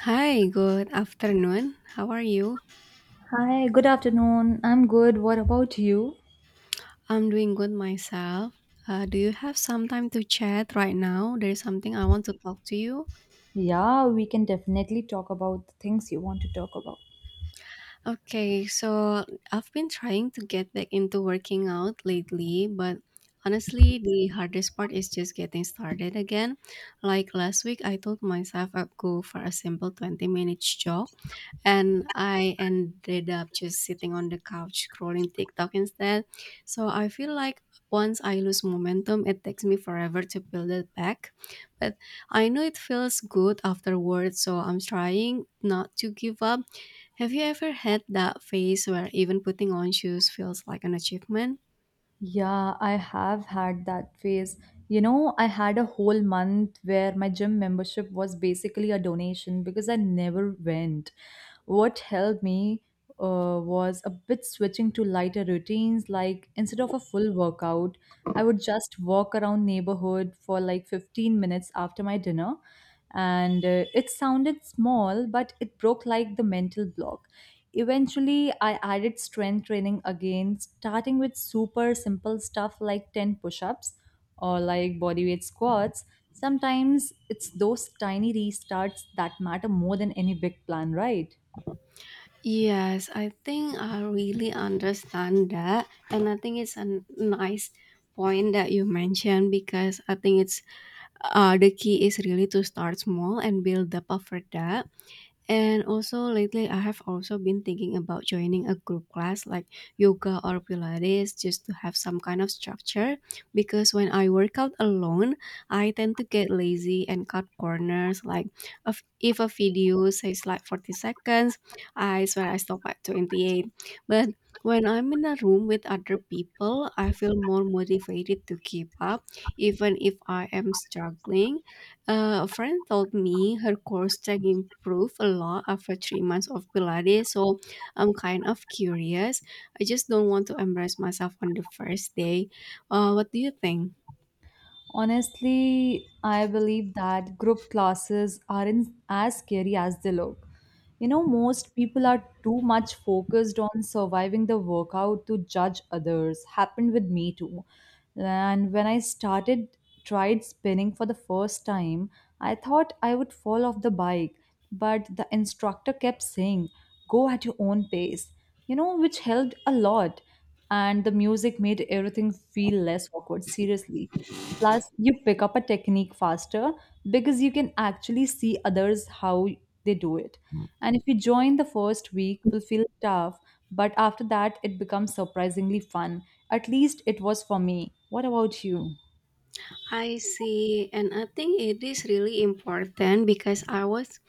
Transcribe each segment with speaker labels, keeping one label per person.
Speaker 1: Hi, good afternoon. How are you?
Speaker 2: Hi, good afternoon. I'm good. What about you?
Speaker 1: I'm doing good myself. Do you have some time to chat right now? There's something I want to talk to you.
Speaker 2: Yeah, we can definitely talk about the things you want to talk about.
Speaker 1: Okay, so I've been trying to get back into working out lately, but honestly, the hardest part is just getting started again. Like last week, I told myself I'd go for a simple 20-minute jog and I ended up just sitting on the couch scrolling TikTok instead. So I feel like once I lose momentum, it takes me forever to build it back. But I know it feels good afterwards, so I'm trying not to give up. Have you ever had that phase where even putting on shoes feels like an achievement?
Speaker 2: Yeah, I have had that phase. You know, I had a whole month where my gym membership was basically a donation because I never went. What helped me was a bit switching to lighter routines. Like instead of a full workout, I would just walk around neighborhood for like 15 minutes after my dinner. And it sounded small, but it broke like the mental block. Eventually, I added strength training again, starting with super simple stuff like 10 push ups or like bodyweight squats. Sometimes it's those tiny restarts that matter more than any big plan, right?
Speaker 1: Yes, I think I really understand that. And I think it's a nice point that you mentioned because I think it's the key is really to start small and build up after that. And also lately I have also been thinking about joining a group class like yoga or pilates just to have some kind of structure because when I work out alone, I tend to get lazy and cut corners like if a video says like 40 seconds, I swear I stop at 28. But when I'm in a room with other people, I feel more motivated to keep up even if I am struggling. A friend told me her core strength improved a lot after 3 months of Pilates, so I'm kind of curious. I just don't want to embarrass myself on the first day. What do you think?
Speaker 2: Honestly, I believe that group classes aren't as scary as they look. You know, most people are too much focused on surviving the workout to judge others. Happened with me too. And when I started, tried spinning for the first time, I thought I would fall off the bike, but the instructor kept saying, go at your own pace, you know, which helped a lot. And the music made everything feel less awkward, seriously. Plus, you pick up a technique faster because you can actually see others how they do it. And if you join the first week, it will feel tough, but after that, it becomes surprisingly fun. At least it was for me. What about you?
Speaker 1: I see, and I think it is really important because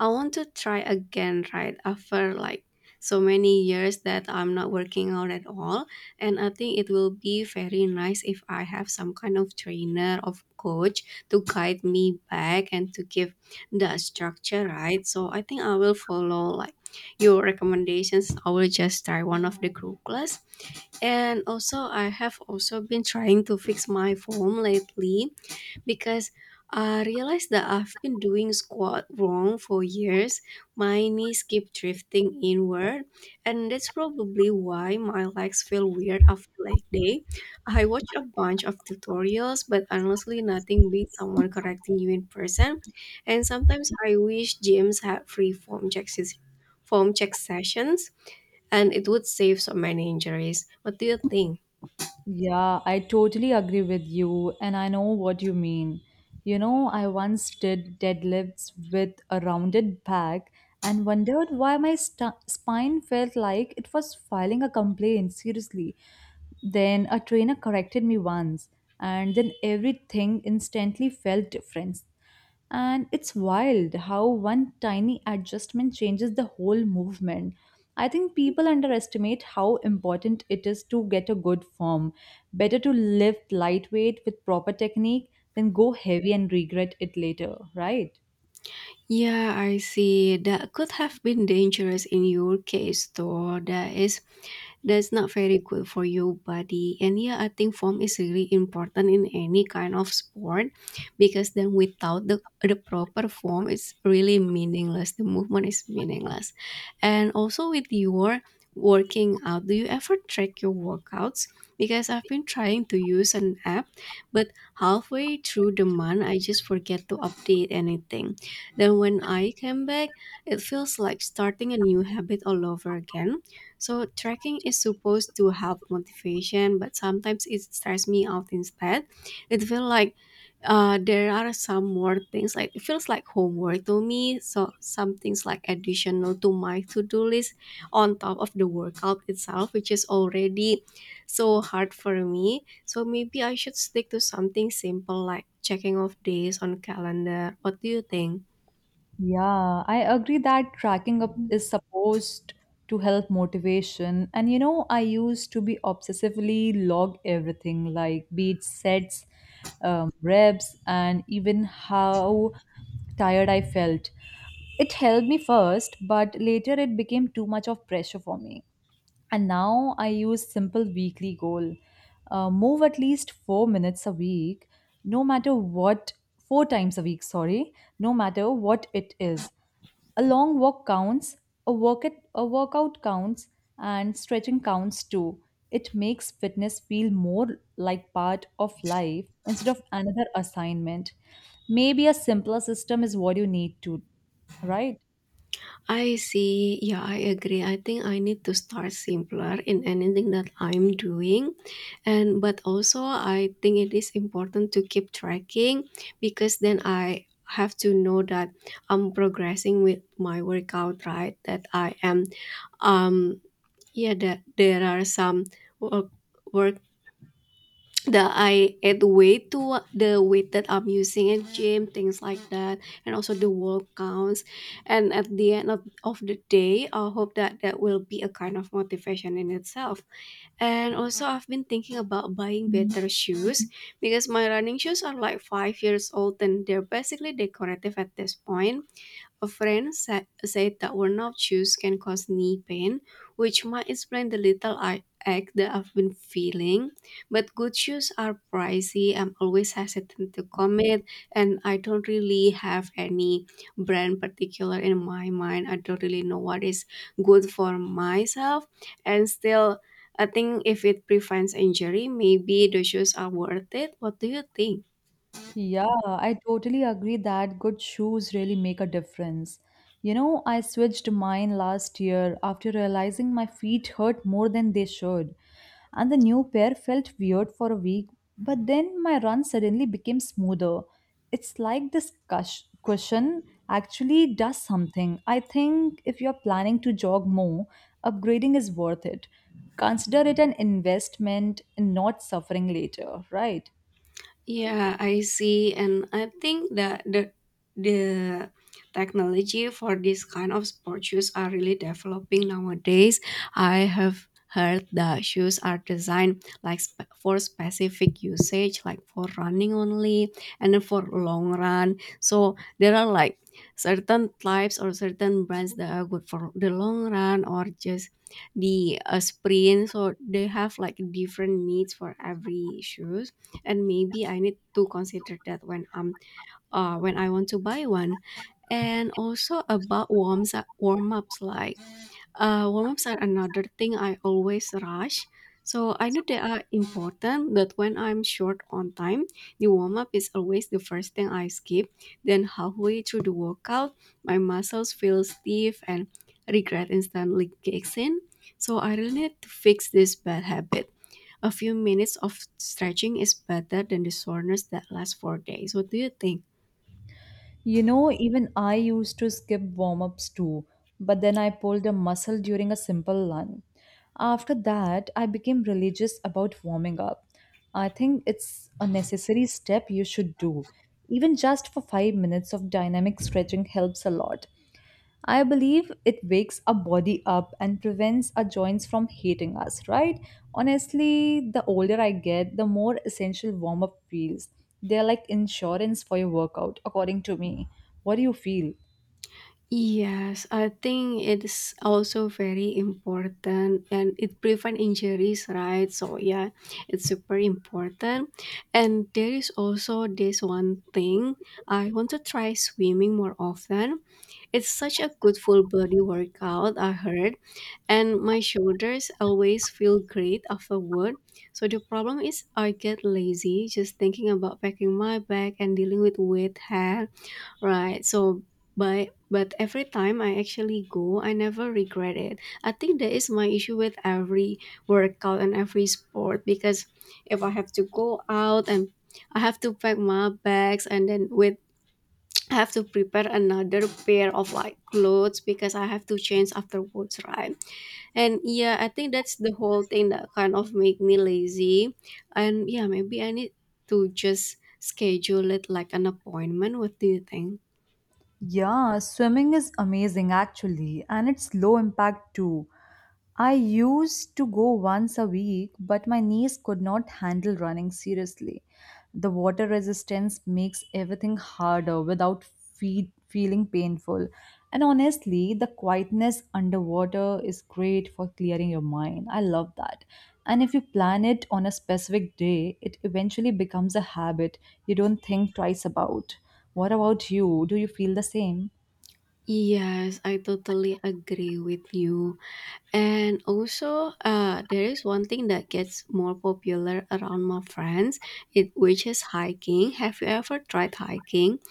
Speaker 1: I want to try again, right? After like so many years that I'm not working out at all, and I think it will be very nice if I have some kind of trainer of coach to guide me back and to give the structure, right? So I think I will follow like your recommendations. I will just try one of the group class, and also I have also been trying to fix my form lately because I realized that I've been doing squat wrong for years. My knees keep drifting inward, and that's probably why my legs feel weird after leg day. I watch a bunch of tutorials, but honestly, nothing beats someone correcting you in person. And sometimes I wish gyms had form check sessions, and it would save so many injuries. What do you think?
Speaker 2: Yeah, I totally agree with you, and I know what you mean. You know, I once did deadlifts with a rounded back and wondered why my spine felt like it was filing a complaint, seriously. Then a trainer corrected me once, and then everything instantly felt different. And it's wild how one tiny adjustment changes the whole movement. I think people underestimate how important it is to get a good form. Better to lift lightweight with proper technique than go heavy and regret it later, right?
Speaker 1: Yeah, I see. That could have been dangerous in your case, though. That's not very good for your body. And yeah, I think form is really important in any kind of sport, because then without the proper form, it's really meaningless. The movement is meaningless. And also with your working out, do you ever track your workouts? Because I've been trying to use an app, but halfway through the month I just forget to update anything. Then when I came back, it feels like starting a new habit all over again. So trekking is supposed to help motivation, but sometimes it stresses me out instead. It feels like there are some more things. Like it feels like homework to me. So some things like additional to my to-do list on top of the workout itself, which is already so hard for me. So maybe I should stick to something simple like checking off days on calendar. What do you think?
Speaker 2: Yeah, I agree that tracking up is supposed to help motivation. And you know, I used to be obsessively log everything like beat sets, reps, and even how tired I felt. It helped me first, but later it became too much of pressure for me. And now I use simple weekly goal. Move at least 4 minutes a week, no matter what, 4 times a week, sorry, no matter what it is. A long walk counts, a workout counts, and stretching counts too. It makes fitness feel more like part of life instead of another assignment. Maybe a simpler system is what you need to, right?
Speaker 1: I see. Yeah, I agree. I think I need to start simpler in anything that I'm doing. And but also I think it is important to keep tracking, because then I have to know that I'm progressing with my workout, right? That I am um yeah, that there are some work the I add weight to the weight that I'm using in gym, things like that, and also the work counts. And at the end of the day, I hope that that will be a kind of motivation in itself. And also, I've been thinking about buying better shoes because my running shoes are like 5 years old and they're basically decorative at this point. A said that worn-out shoes can cause knee pain, which might explain the little ache that I've been feeling. But good shoes are pricey. I'm always hesitant to commit, and I don't really have any brand particular in my mind. I don't really know what is good for myself, and still. I think if it prevents injury, maybe the shoes are worth it. What do you think?
Speaker 2: Yeah, I totally agree that good shoes really make a difference. You know, I switched mine last year after realizing my feet hurt more than they should. And the new pair felt weird for a week, but then my run suddenly became smoother. It's like this cushion actually does something. I think if you're planning to jog more, upgrading is worth it. Consider it an investment in not suffering later, right?
Speaker 1: Yeah, I see, and I think that the technology for this kind of sport shoes are really developing nowadays. I have heard that shoes are designed like for specific usage, like for running only, and then for long run. So there are like certain types or certain brands that are good for the long run or just the sprint. So they have like different needs for every shoes, and maybe I need to consider that when I'm when I want to buy one. And also about warm ups, like warm ups are another thing I always rush. So I know they are important, but when I'm short on time, the warm up is always the first thing I skip. Then halfway through the workout, my muscles feel stiff and regret instantly kicks in. So I really need to fix this bad habit. A few minutes of stretching is better than the soreness that lasts for days. What do you think?
Speaker 2: You know, even I used to skip warm ups too, but then I pulled a muscle during a simple run. After that, I became religious about warming up. I think it's a necessary step you should do. Even just for 5 minutes of dynamic stretching helps a lot. I believe it wakes our body up and prevents our joints from hating us, right? Honestly, the older I get, the more essential warm up feels. They're like insurance for your workout, according to me. What do you feel?
Speaker 1: Yes, I think it's also very important and it prevent injuries, right? So yeah, it's super important. And there is also this one thing. I want to try swimming more often. It's such a good full body workout, I heard, and my shoulders always feel great afterward. So the problem is I get lazy just thinking about packing my bag and dealing with wet hair, right? So but every time I actually go, I never regret it. I think that is my issue with every workout and every sport, because if I have to go out and I have to pack my bags, and then with I have to prepare another pair of like clothes because I have to change afterwards, right? And yeah, I think that's the whole thing that kind of make me lazy. And yeah, maybe I need to just schedule it like an appointment. What do you think?
Speaker 2: Yeah, swimming is amazing actually, and it's low impact too. I used to go once a week, but my knees could not handle running seriously. The water resistance makes everything harder without feeling painful. And honestly, the quietness underwater is great for clearing your mind. I love that. And if you plan it on a specific day, it eventually becomes a habit you don't think twice about. What about you? Do you feel the same?
Speaker 1: Yes, I totally agree with you. And also, there is one thing that gets more popular around my friends, it which is hiking. Have you ever tried hiking?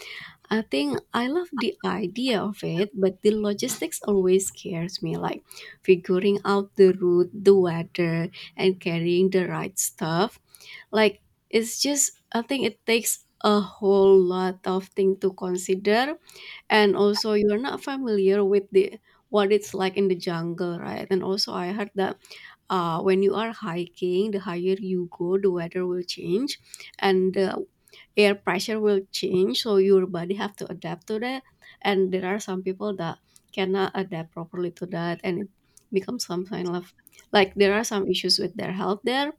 Speaker 1: I think I love the idea of it, but the logistics always scares me, like figuring out the route, the weather, and carrying the right stuff. Like it's just, I think it takes a whole lot of things to consider, and also you're not familiar with the what it's like in the jungle, right? And also I heard that when you are hiking, the higher you go, the weather will change and the air pressure will change, so your body have to adapt to that. And there are some people that cannot adapt properly to that, and it becomes some kind of, like, there are some issues with their health there.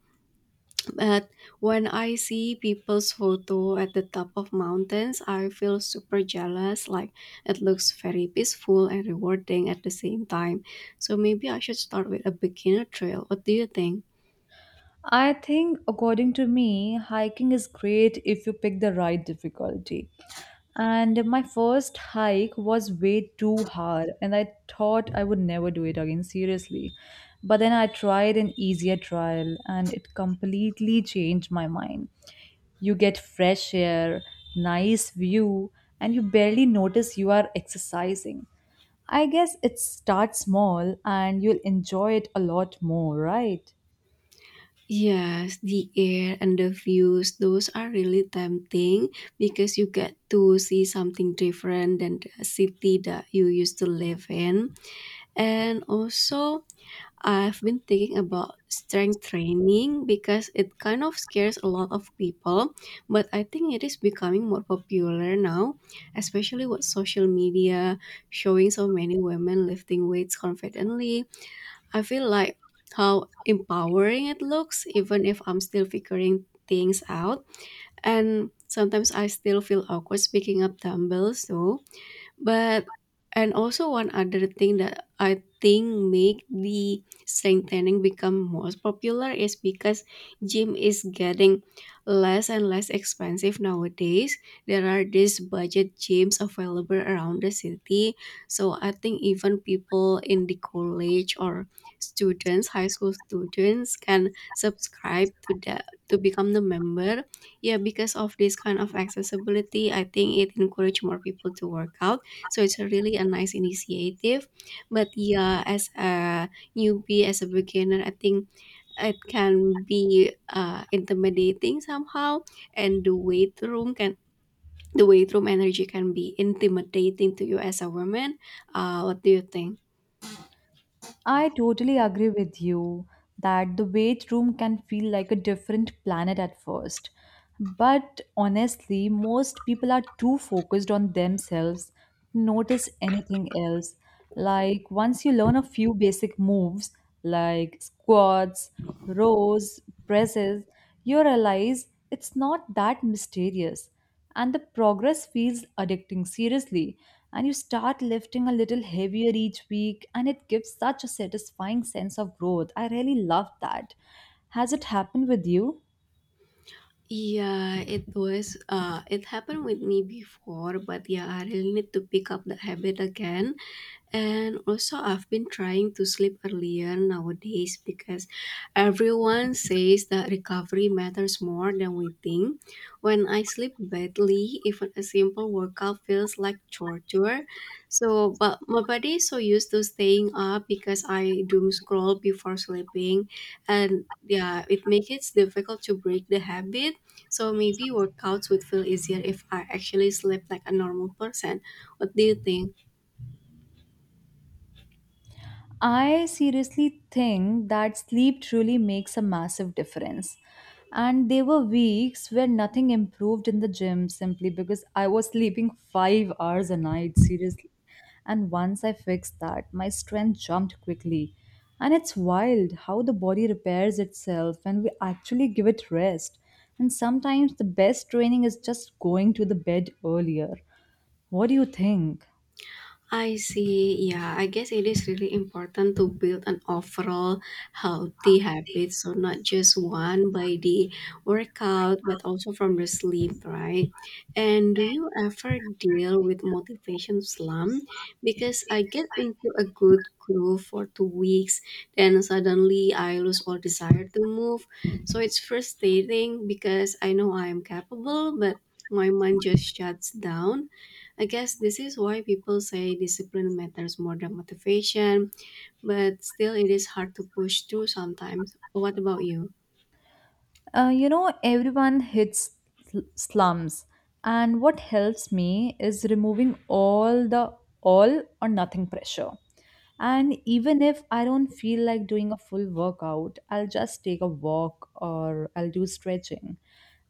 Speaker 1: But when I see people's photo at the top of mountains, I feel super jealous. Like, it looks very peaceful and rewarding at the same time. So maybe I should start with a beginner trail. What do you think?
Speaker 2: I think, according to me, hiking is great if you pick the right difficulty. And my first hike was way too hard, and I thought I would never do it again, seriously. But then I tried an easier trial, and it completely changed my mind. You get fresh air, nice view, and you barely notice you are exercising. I guess it starts small and you'll enjoy it a lot more, right?
Speaker 1: Yes, the air and the views, those are really tempting because you get to see something different than the city that you used to live in. And also, I've been thinking about strength training because it kind of scares a lot of people, but I think it is becoming more popular now, especially with social media showing so many women lifting weights confidently. I feel like how empowering it looks, even if I'm still figuring things out. And sometimes I still feel awkward speaking up dumbbells, though. But And also one other thing that I think make the strengthening become most popular is because gym is getting less and less expensive nowadays. There are these budget gyms available around the city, so I think even people in the college, or students high school students, can subscribe to the to become the member. Yeah, because of this kind of accessibility, I think it encourage more people to work out. So it's a really a nice initiative. But yeah, as a newbie, as a beginner, I think it can be intimidating somehow, and the weight room can the weight room energy can be intimidating to you as a woman. What do you think?
Speaker 2: I totally agree with you that the weight room can feel like a different planet at first. But honestly, most people are too focused on themselves to notice anything else. Like once you learn a few basic moves like squats, rows, presses, you realize it's not that mysterious, and the progress feels addicting, seriously. And you start lifting a little heavier each week, and it gives such a satisfying sense of growth. I really love that. Has it happened with you?
Speaker 1: Yeah, it was it happened with me before, but yeah, I really need to pick up the habit again. And also, I've been trying to sleep earlier nowadays because everyone says that recovery matters more than we think. When I sleep badly, even a simple workout feels like torture. So, but my body is so used to staying up because I doom scroll before sleeping, and yeah, it makes it difficult to break the habit. So maybe workouts would feel easier if I actually slept like a normal person. What do you think?
Speaker 2: I seriously think that sleep truly makes a massive difference. And there were weeks where nothing improved in the gym simply because I was sleeping 5 hours a night, seriously. And once I fixed that, my strength jumped quickly. And it's wild how the body repairs itself when we actually give it rest. And sometimes the best training is just going to the bed earlier. What do you think?
Speaker 1: I see. Yeah, I guess it is really important to build an overall healthy habit. So, not just one by the workout, but also from the sleep, right? And do you ever deal with motivation slump? Because I get into a good groove for 2 weeks, then suddenly I lose all desire to move. So, it's frustrating because I know I am capable, but my mind just shuts down. I guess this is why people say discipline matters more than motivation, but still it is hard to push through sometimes. What about you?
Speaker 2: You know, everyone hits slums, and what helps me is removing all the all or nothing pressure. And even if I don't feel like doing a full workout, I'll just take a walk or I'll do stretching.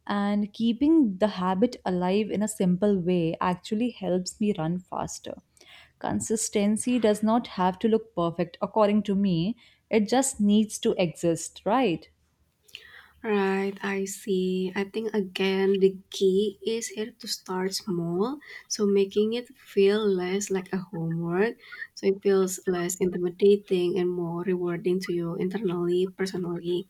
Speaker 2: And keeping the habit alive in a simple way actually helps me run faster. Consistency does not have to look perfect, according to me, it just needs to exist, right?
Speaker 1: Right, I see. I think again the key is here to start small, so making it feel less like a homework, so it feels less intimidating and more rewarding to you internally, personally.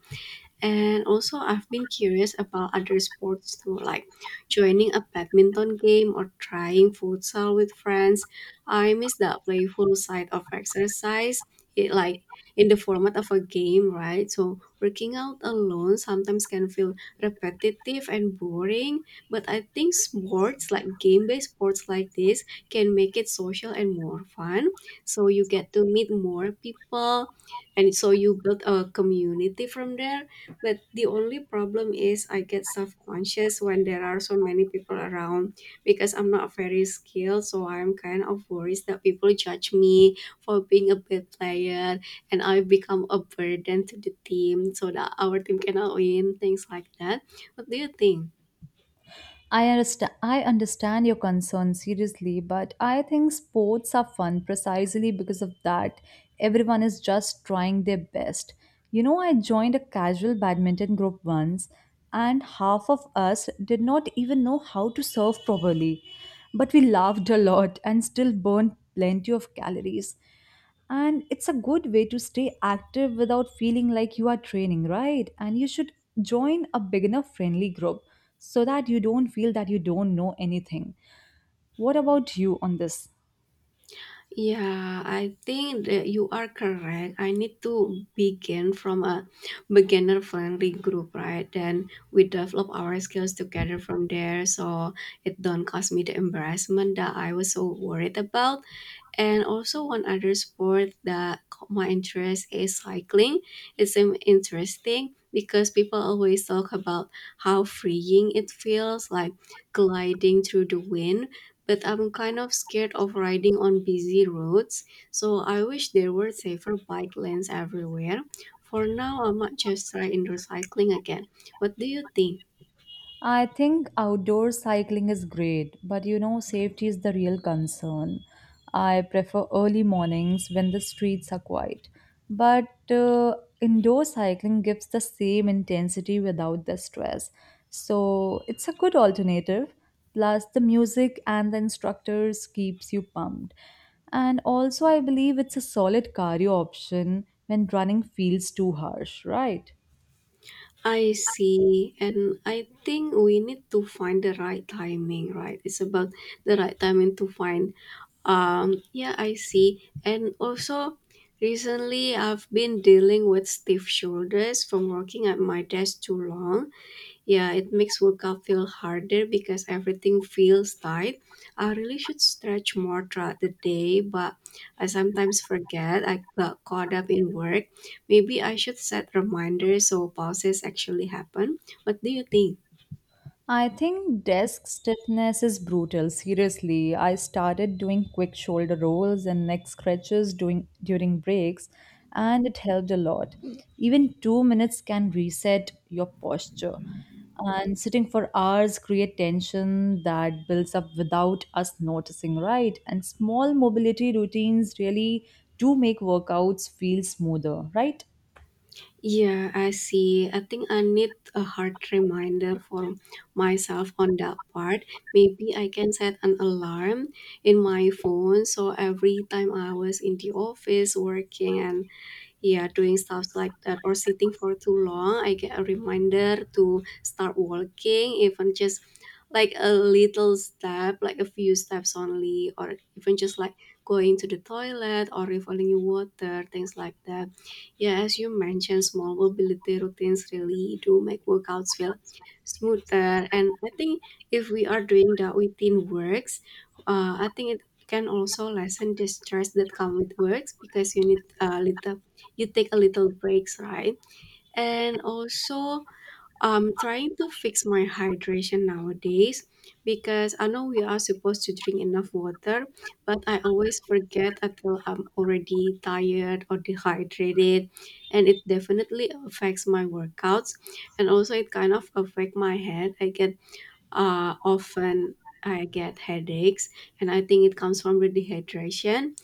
Speaker 1: And also, I've been curious about other sports too, like joining a badminton game or trying futsal with friends. I miss that playful side of exercise, it, like in the format of a game, right? So, working out alone sometimes can feel repetitive and boring, but I think sports, like game based sports like this, can make it social and more fun. So, you get to meet more people, and so you build a community from there, but the only problem is I get self-conscious when there are so many people around because I'm not very skilled, so I'm kind of worried that people judge me for being a bad player and I become a burden to the team so that our team cannot win, things like that. What do you think?
Speaker 2: I understand your concern seriously, but I think sports are fun precisely because of that. Everyone is just trying their best. You know, I joined a casual badminton group once, and half of us did not even know how to serve properly. But we laughed a lot and still burned plenty of calories. And it's a good way to stay active without feeling like you are training, right? And you should join a beginner friendly group so that you don't feel that you don't know anything. What about you on this?
Speaker 1: Yeah, I think that you are correct. I need to begin from a beginner friendly group, right? Then we develop our skills together from there so it don't cause me the embarrassment that I was so worried about. And also one other sport that caught my interest is cycling. It's seemed interesting because people always talk about how freeing it feels like gliding through the wind. But I'm kind of scared of riding on busy roads, so I wish there were safer bike lanes everywhere. For now, I might just try indoor cycling again. What do you think?
Speaker 2: I think outdoor cycling is great, but you know, safety is the real concern. I prefer early mornings when the streets are quiet. But indoor cycling gives the same intensity without the stress. So it's a good alternative. Plus, the music and the instructors keeps you pumped. And also, I believe it's a solid cardio option when running feels too harsh, right?
Speaker 1: I see. And I think we need to find the right timing, right? It's about the right timing to find. Yeah, I see. And also, recently I've been dealing with stiff shoulders from working at my desk too long. Yeah, it makes workout feel harder because everything feels tight. I really should stretch more throughout the day, but I sometimes forget I got caught up in work. Maybe I should set reminders so pauses actually happen. What do you think?
Speaker 2: I think desk stiffness is brutal. Seriously, I started doing quick shoulder rolls and neck stretches during breaks, and it helped a lot. Even 2 minutes can reset your posture. And sitting for hours create tension that builds up without us noticing, right? And small mobility routines really do make workouts feel smoother, right?
Speaker 1: Yeah, I see. I think I need a hard reminder for myself on that part. Maybe I can set an alarm in my phone so every time I was in the office working and yeah doing stuff like that or sitting for too long I get a reminder to start walking, even just like a little step, like a few steps only, or even just like going to the toilet or refilling water, things like that. Yeah, as you mentioned, small mobility routines really do make workouts feel smoother. And I think if we are doing that within works, I think it can also lessen the stress that come with works because you need a little, you take a little breaks, right? And also, I'm trying to fix my hydration nowadays because I know we are supposed to drink enough water, but I always forget until I'm already tired or dehydrated, and it definitely affects my workouts. And also, it kind of affect my head. I get often I get headaches, and I think it comes from the dehydration,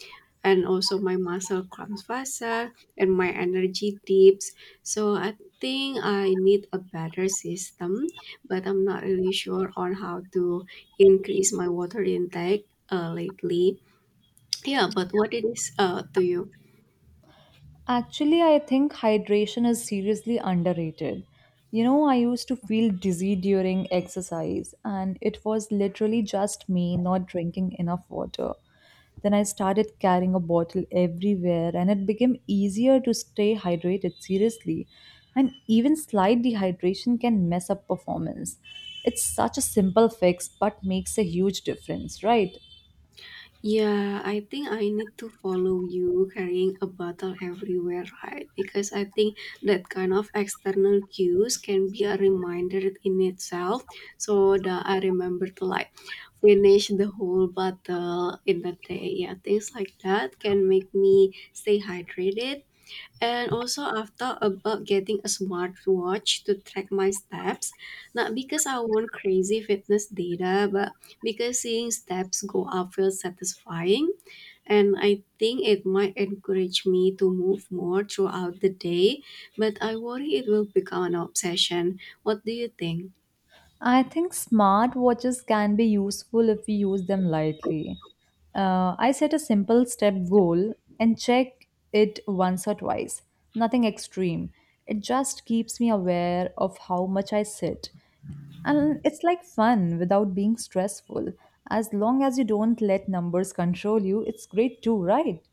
Speaker 1: and also my muscle cramps faster and my energy dips, so I think I need a better system, but I'm not really sure on how to increase my water intake lately. Yeah, but what it is to you?
Speaker 2: Actually, I think hydration is seriously underrated. You know, I used to feel dizzy during exercise, and it was literally just me not drinking enough water. Then I started carrying a bottle everywhere, and it became easier to stay hydrated, seriously. And even slight dehydration can mess up performance. It's such a simple fix, but makes a huge difference, right?
Speaker 1: Yeah, I think I need to follow you carrying a bottle everywhere, right? Because I think that kind of external cues can be a reminder in itself. So that I remember to like finish the whole bottle in a day. Yeah, things like that can make me stay hydrated. And also, I've thought about getting a smartwatch to track my steps, not because I want crazy fitness data, but because seeing steps go up feels satisfying. And I think it might encourage me to move more throughout the day, but I worry it will become an obsession. What do you think?
Speaker 2: I think smart watches can be useful if we use them lightly. I set a simple step goal and check it once or twice. Nothing extreme. It just keeps me aware of how much I sit. And it's like fun without being stressful. As long as you don't let numbers control you, it's great too, right?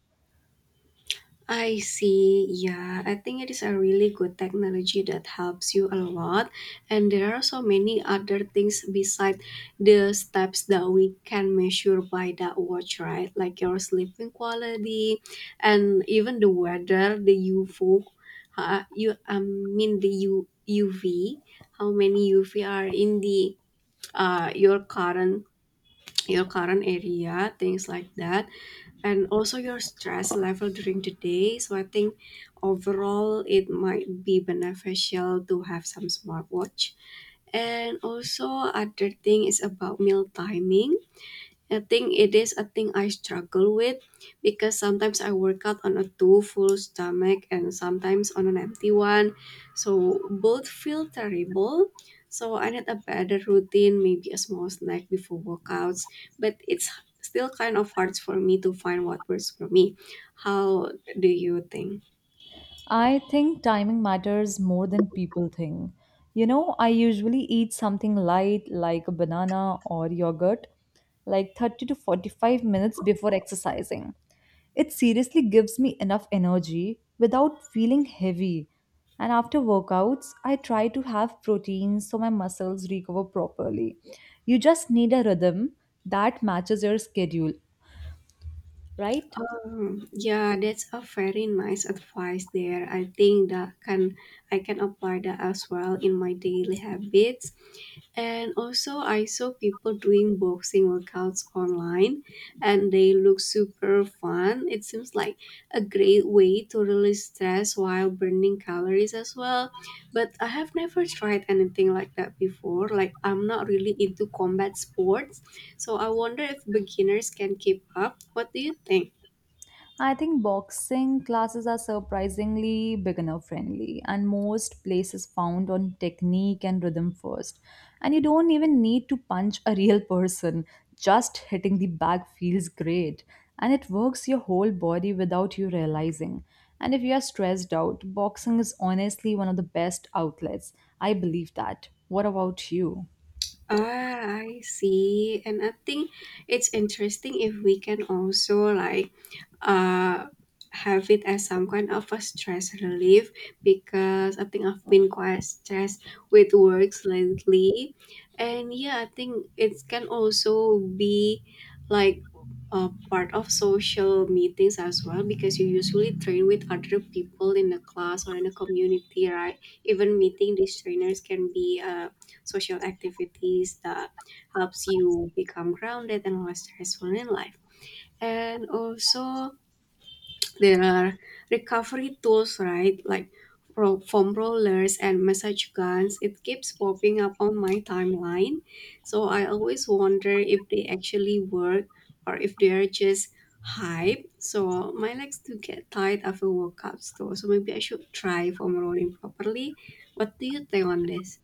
Speaker 1: I see. Yeah, I think it is a really good technology that helps you a lot. And there are so many other things beside the steps that we can measure by that watch, right? Like your sleeping quality and even the weather, the UV, I mean the UV, how many UV are in the uh, your current your current area, things like that, and also your stress level during the day. So I think overall it might be beneficial to have some smartwatch. And also other thing is about meal timing. I think it is a thing I struggle with because sometimes I work out on a too full stomach and sometimes on an empty one. So both feel terrible. So I need a better routine, maybe a small snack before workouts, but it's still kind of hard for me to find what works for me. How do you think?
Speaker 2: I think timing matters more than people think. You know, I usually eat something light like a banana or yogurt like 30 to 45 minutes before exercising. It seriously gives me enough energy without feeling heavy. And after workouts, I try to have protein so my muscles recover properly. You just need a rhythm that matches your schedule, right?
Speaker 1: Yeah, that's a very nice advice there. I think that can I can apply that as well in my daily habits. And also, I saw people doing boxing workouts online and they look super fun. It seems like a great way to release stress while burning calories as well. But I have never tried anything like that before. Like, I'm not really into combat sports. So, I wonder if beginners can keep up. What do you think?
Speaker 2: I think boxing classes are surprisingly beginner friendly, and most places found on technique and rhythm first. And you don't even need to punch a real person, just hitting the bag feels great. And it works your whole body without you realizing. And if you are stressed out, boxing is honestly one of the best outlets. I believe that. What about you?
Speaker 1: Ah, I see. And I think it's interesting if we can also like uh, have it as some kind of a stress relief because I think I've been quite stressed with works lately. And yeah, I think it can also be like a part of social meetings as well because you usually train with other people in a class or in a community, right? Even meeting these trainers can be social activities that helps you become grounded and less stressful in life. And also there are recovery tools, right? Like foam rollers and massage guns. It keeps popping up on my timeline. So I always wonder if they actually work or if they're just hype. So my legs do get tired after workouts though. So maybe I should try foam rolling properly. What do you think on this?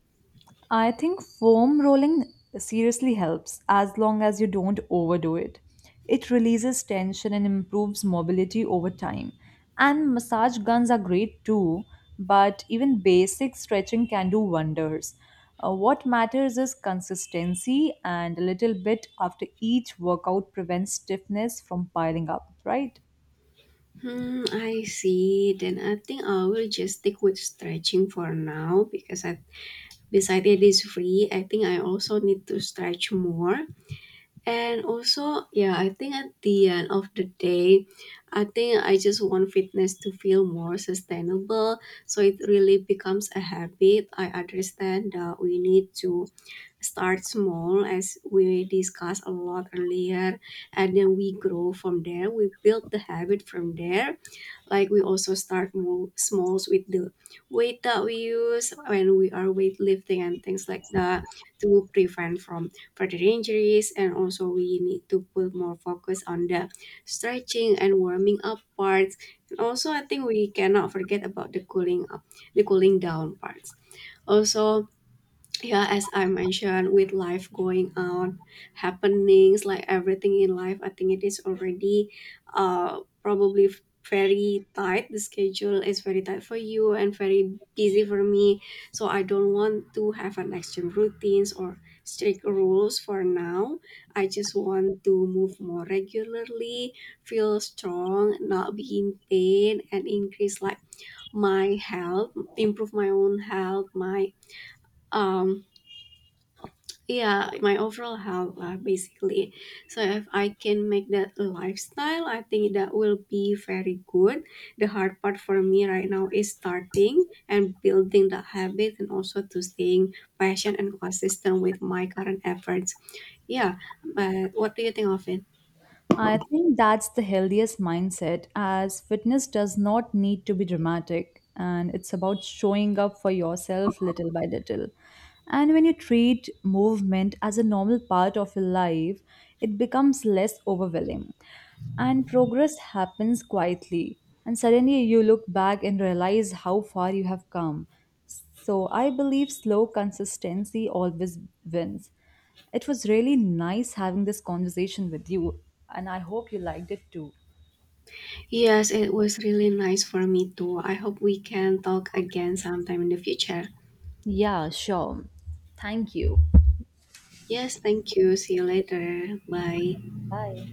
Speaker 2: I think foam rolling seriously helps as long as you don't overdo it. It releases tension and improves mobility over time. And massage guns are great too, but even basic stretching can do wonders. What matters is consistency, and a little bit after each workout prevents stiffness from piling up, right?
Speaker 1: Hmm, I see. Then I think I will just stick with stretching for now because I, besides it is free, I think I also need to stretch more. And also, yeah, I think at the end of the day, I think I just want fitness to feel more sustainable. So it really becomes a habit. I understand that we need to start small as we discussed a lot earlier, and then we grow from there. We build the habit from there, like we also start more smalls with the weight that we use when we are weightlifting and things like that to prevent from further injuries. And also we need to put more focus on the stretching and warming up parts. And also I think we cannot forget about the cooling up, the cooling down parts. Also, yeah, as I mentioned, with life going on, happenings like everything in life, I think it is already probably very tight. The schedule is very tight for you and very busy for me, so I don't want to have an extra routines or strict rules for now. I just want to move more regularly, feel strong, not be in pain, and increase like my health, improve my own health, my um yeah, like, my overall health basically. So if I can make that lifestyle, I think that will be very good. The hard part for me right now is starting and building the habit, and also to staying patient and consistent with my current efforts. Yeah, but what do you think of it?
Speaker 2: I think that's the healthiest mindset, as fitness does not need to be dramatic and it's about showing up for yourself little by little. And when you treat movement as a normal part of your life, it becomes less overwhelming and progress happens quietly. And suddenly you look back and realize how far you have come. So I believe slow consistency always wins. It was really nice having this conversation with you, and I hope you liked it too.
Speaker 1: Yes, it was really nice for me too. I hope we can talk again sometime in the future.
Speaker 2: Yeah, sure. Thank you.
Speaker 1: Yes, thank you. See you later. Bye.
Speaker 2: Bye.